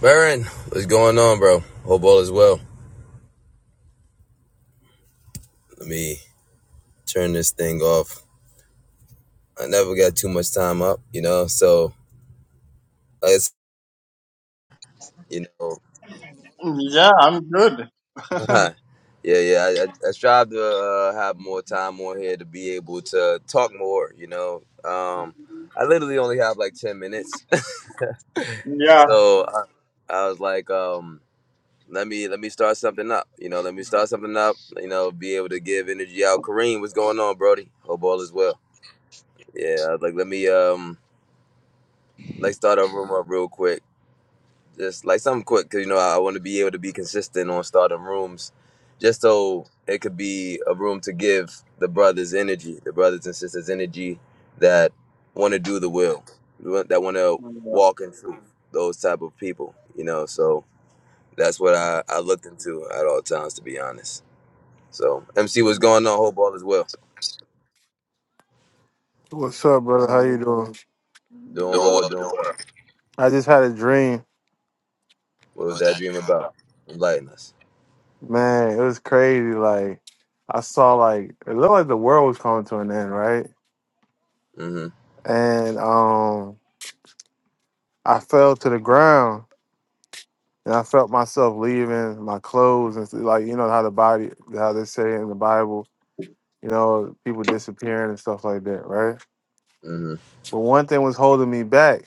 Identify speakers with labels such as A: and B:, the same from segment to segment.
A: Baron, what's going on, bro? Hope all is well. Let me turn this thing off. I never got too much time up, you know. So it's you know,
B: Yeah, I'm good.
A: yeah, yeah. I, I, I strive to uh, have more time on here to be able to talk more, you know. Um, I literally only have like ten minutes,
B: yeah.
A: so I, I was like, um, let me let me start something up, you know. Let me start something up, you know. Be able to give energy out. Kareem, what's going on, Brody? Hope all is well. Yeah, I was like let me um like start a room up real quick, just like something quick, cause you know I, I want to be able to be consistent on starting rooms, just so it could be a room to give the brothers energy, the brothers and sisters energy that want to do the will, that want to
B: Yeah.
A: walk in truth, those type of people, you know. So that's what I I looked into at all times, to be honest. So MC, what's
B: Yeah.
A: going on? Hope all is well.
C: What's up, brother? How
B: Uh,
C: you doing?
A: Doing well, doing well.
C: I just had a dream,
A: What was that dream about? Enlighten us.
C: man. It was crazy. Like I saw, like it looked like the world was coming to an end, right?
A: Mm-hmm.
C: And um, I fell to the ground, and I felt myself leaving my clothes, and th- like you know how the body, how they say in the Bible, you know, people disappearing and stuff like that, right?
A: Mm-hmm.
C: But one thing was holding me back,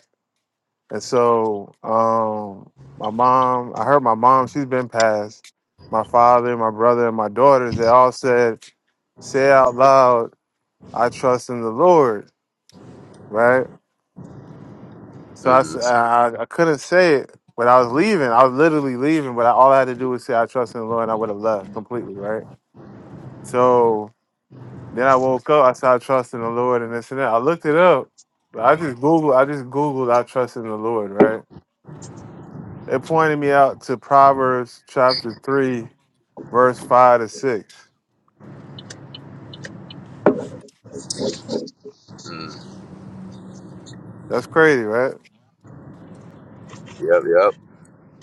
C: and so um, my mom, I heard my mom, she's been passed. My father, my brother, and my daughters, they all said say out loud, I trust in the Lord, right? So I,
A: Mm-hmm.
C: s- I, I couldn't say it when I was leaving. I was literally leaving, but I, all I had to do was say, I trust in the Lord, and I would have left completely, right? So then I woke up, I said, I trust in the Lord, and this and that. I looked it up. but I just Googled, I just Googled, I trust in the Lord, right? It pointed me out to Proverbs chapter 3, verse 5 to 6.
A: mm-hmm.
C: That's crazy, right?
A: Yep, yep.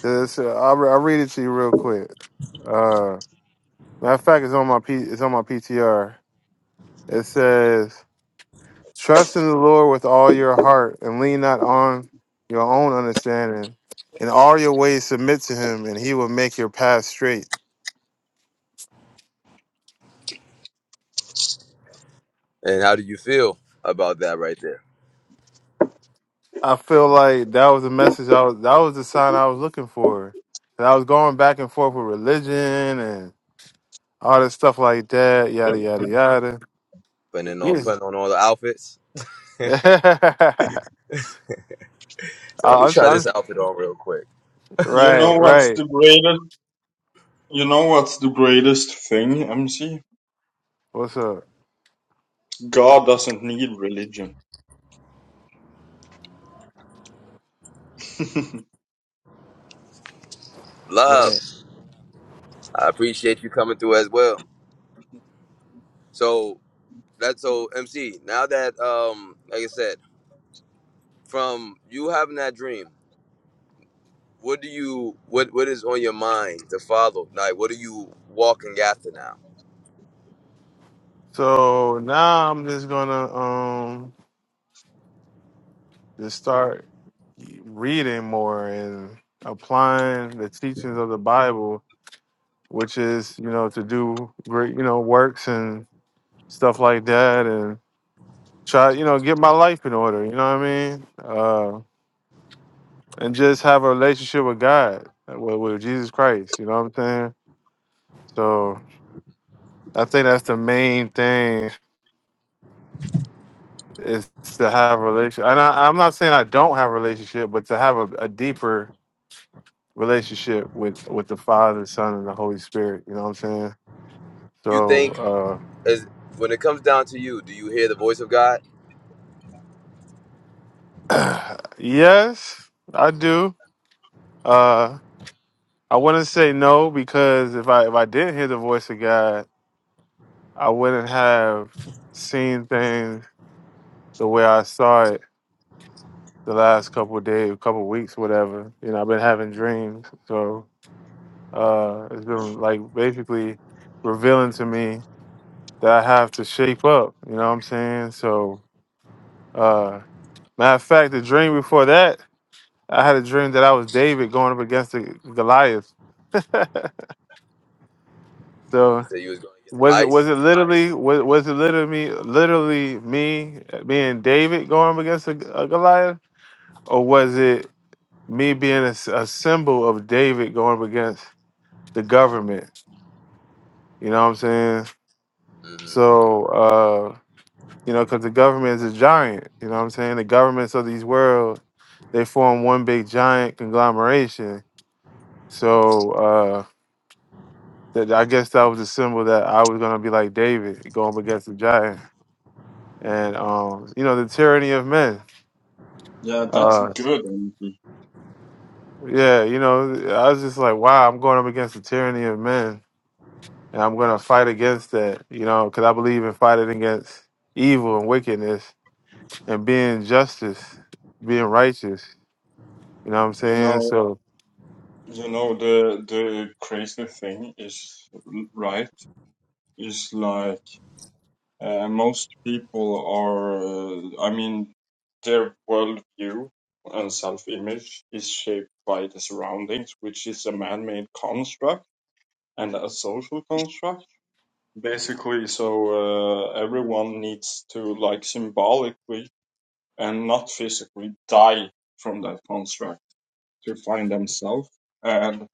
C: It's- I'll, I'll read it to you real quick. Uh, Matter of fact, it's on my P, it's on my PTR. It says, "Trust in the Lord with all your heart, and lean not on your own understanding. In all your ways, submit to Him, and He will make your path straight."
A: And how do you feel about that right there?
C: I feel like that was the message I was. That was the sign I was looking for. 'Cause I was going back and forth with religion and all this stuff like that. Yada yada yada.
A: Putting in all,
C: Yes.
A: putting on all the outfits. So let
C: I-
A: me
C: I'm,
A: try this
C: trying-
A: outfit on real quick.
B: You
C: right,
B: know what's
C: right.
B: the greatest? You know what's the greatest thing, MC?
C: What's up?
B: God doesn't need religion.
A: Love,
C: Right.
A: I appreciate you coming through as well. So that's so MC. Now that um, like I said, from you having that dream, what do you what what is on your mind to follow? Like, what are you walking after now?
C: So now I'm just gonna um just start reading more and applying the teachings of the Bible, which is you know to do great you know works and stuff like that, and try you know get my life in order. You know what I mean? Uh, and just have a relationship with God, with, with Jesus Christ. You know what I'm saying? So I think that's the main thing is to have a relationship. And I, I'm not saying I don't have a relationship, but to have a, a deeper relationship with with the Father, Son, and the Holy Spirit. You know what I'm saying?
A: You think
C: So
A: as when it comes down to you, do you hear the voice of God?
C: uh, yes, I do. Uh, I wouldn't say no because if I if I didn't hear the voice of God, I wouldn't have seen things the way I saw it the last couple of days, couple of weeks, whatever. You know, I've been having dreams, so uh, it's been like basically revealing to me that I have to shape up. You know what I'm saying? So. Uh, Matter of fact, the dream before that, I had a dream that I was David going up against the Goliath.
A: You
C: so
A: said you was going against
C: was it was
A: ice.
C: it literally was, was it literally me literally me being David going up against a, a Goliath, or was it me being a, s- a symbol of David going up against the government? You know what I'm saying?
A: hmm
C: So uh, you know, because the government is a giant. You know what I'm saying? The governments of these world, they form one big giant conglomeration. So. uh, that I guess that was a symbol that I was gonna be like David going up against the giant, and um, you know the tyranny of men.
B: yeah, that's
C: Uh,
B: good, MC.
C: yeah, you know, I was just like, wow, I'm going up against the tyranny of men, and I'm gonna fight against that, you know, because I believe in fighting against evil and wickedness and being justice, being righteous. You know what I'm
B: You
C: saying?
B: know,
C: So
B: you know the the crazy thing is right. Is like. Uh, most people are, uh, I mean, their worldview and self image is shaped by the surroundings, which is a man made construct and a social construct. Basically, so uh, everyone needs to, like, symbolically and not physically die from that construct to find themselves and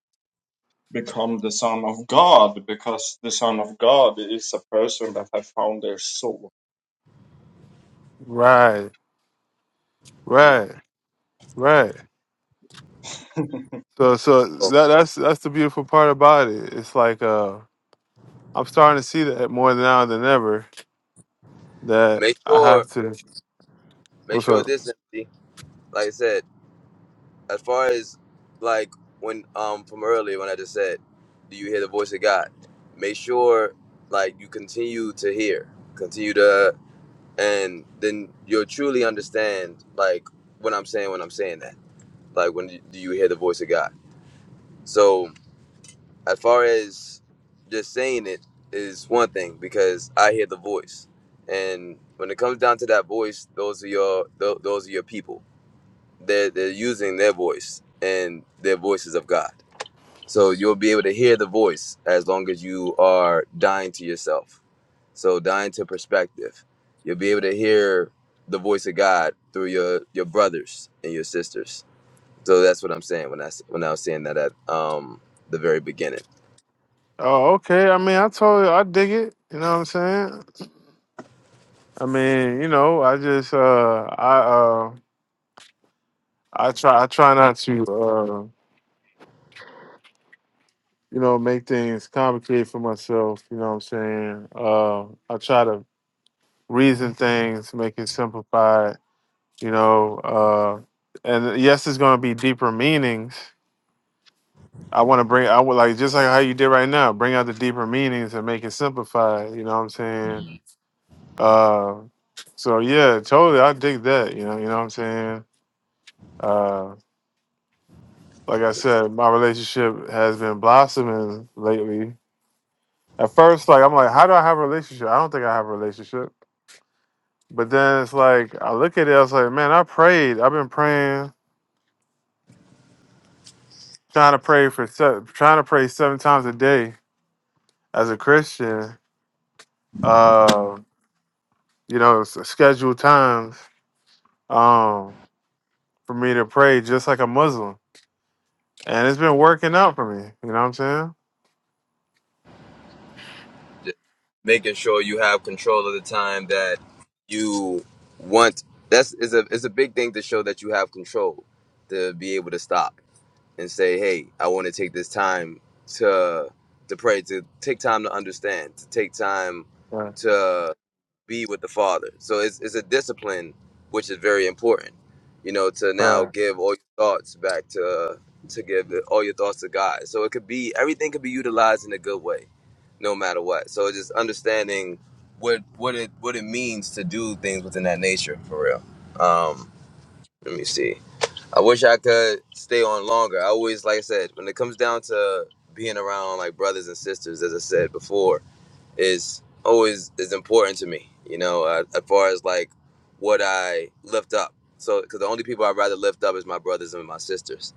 B: become the Son of God, because the Son of God is a person that has found their soul.
C: right,
B: Yeah.
C: right, right. So so that that's that's the beautiful part about it. It's like uh. I'm starting to see that more now than ever that
A: Make
C: I have
A: sure,
C: to.
A: make
C: What's
A: sure
C: up?
A: this MC. Like I said. as far as like when um from earlier when I just said, do you hear the voice of God? Make sure like you continue to hear, continue to, and then you'll truly understand like what I'm saying when I'm saying that. Like when you- do you hear the voice of God? So as far as just saying it is one thing because I hear the voice, and when it comes down to that voice, those are your tho- those are your people. They're they're using their voice, and their voices of God. So you'll be able to hear the voice as long as you are dying to yourself. So dying to perspective. You'll be able to hear the voice of God through your your brothers and your sisters. So that's what I'm saying when I s- when I was saying that at um the very beginning.
C: Oh, okay. I mean, I told you, I dig it. You know what I'm saying? I mean, you know, I just, uh, I, uh, I try, I try not to, uh, you know, make things complicated for myself. You know what I'm saying? Uh, I try to reason things, make it simplified. You know, uh, and yes, it's going to be deeper meanings. I want to bring, I would like just like how you did right now, bring out the deeper meanings and make it simplified. You know what I'm saying? Uh, so yeah, totally. I dig that. You know, you know what I'm saying. Uh, like I said, my relationship has been blossoming lately. At first, like I'm like, how do I have a relationship? I don't think I have a relationship. But then it's like I look at it, I was like, man, I prayed. I've been praying, trying to pray for se- trying to pray seven times a day as a Christian. Uh, you know, s- scheduled times um, for me to pray, just like a Muslim, and it's been working out for me. You know what I'm saying?
A: Making sure you have control of the time that you want. That's is a is a big thing to show that you have control to be able to stop and say, hey, I want to take this time to to pray, to take time to understand, to take time
C: Right,
A: to be with the Father. So it's it's a discipline which is very important, you know, to now
C: right,
A: give all your thoughts back to to give all your thoughts to God. So it could be everything could be utilized in a good way, no matter what. So just understanding what what it what it means to do things within that nature for real. Um, let me see. I wish I could stay on longer. I always, like I said, when it comes down to being around like brothers and sisters, as I said before, is always is important to me. You know, uh, as far as like what I lift up. So, because the only people I'd rather lift up is my brothers and my sisters.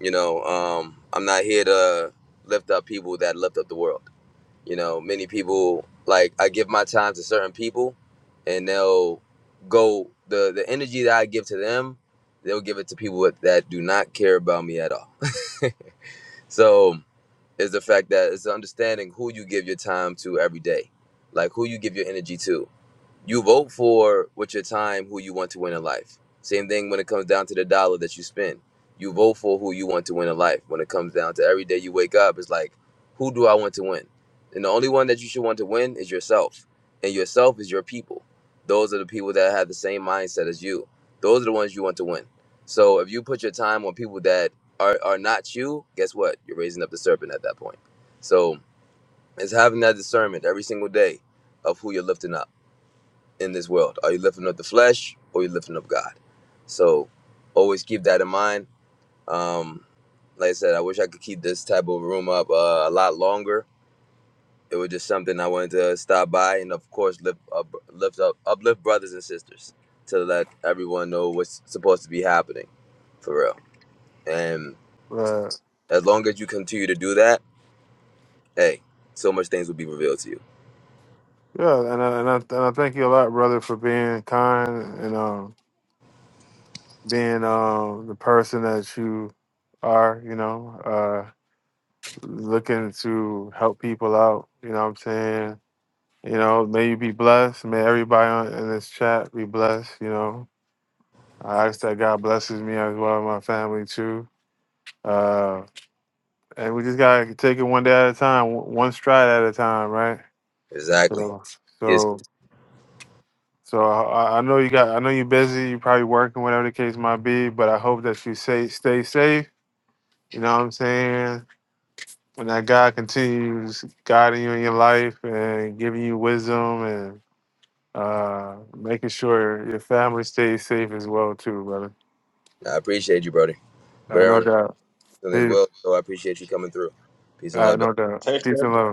A: You know, um, I'm not here to lift up people that lift up the world. You know, many people like I give my time to certain people, and they'll go the the energy that I give to them, they'll give it to people that do not care about me at all. So it's the fact that it's understanding who you give your time to every day, like who you give your energy to you vote for with your time who you want to win in life. Same thing when it comes down to the dollar that you spend. You vote for who you want to win in life. When it comes down to every day you wake up, it's like, who do I want to win? And the only one that you should want to win is yourself. And yourself is your people. Those are the people that have the same mindset as you. Those are the ones you want to win. So if you put your time on people that are, are not you, guess what? You're raising up the serpent at that point. So it's having that discernment every single day of who you're lifting up in this world. Are you lifting up the flesh or you lifting up God? So always keep that in mind. Um, like I said, I wish I could keep this type of room up uh, a lot longer. It was just something I wanted to stop by and, of course, lift up, lift up, uplift brothers and sisters to let everyone know what's supposed to be happening for real. And
C: right.
A: as long as you continue to do that, hey, so much things will be revealed to you.
C: Yeah, and I, and I and I thank you a lot, brother, for being kind and um being um the person that you are. You know, uh, looking to help people out. You know what I'm saying? You know, may you be blessed. May everybody on, in this chat be blessed. You know, I ask that God blesses me as well as my family too. Uh, and we just gotta take it one day at a time, one one stride at a time, right?
A: Exactly.
C: So,
A: Is
C: so So I, I know you got, I know you're busy. You're probably working, whatever the case might be. But I hope that you say stay safe. You know what I'm saying? And that God continues guiding you in your life and giving you wisdom and uh, making sure your family stays safe as well too, brother.
A: I appreciate you, brother.
C: I know
A: Baron,
C: that.
A: and as
C: Peace.
A: well, so I appreciate you coming through. Peace and
C: I
A: love. to
C: know that.
B: Take
C: Peace
B: care.
C: and love.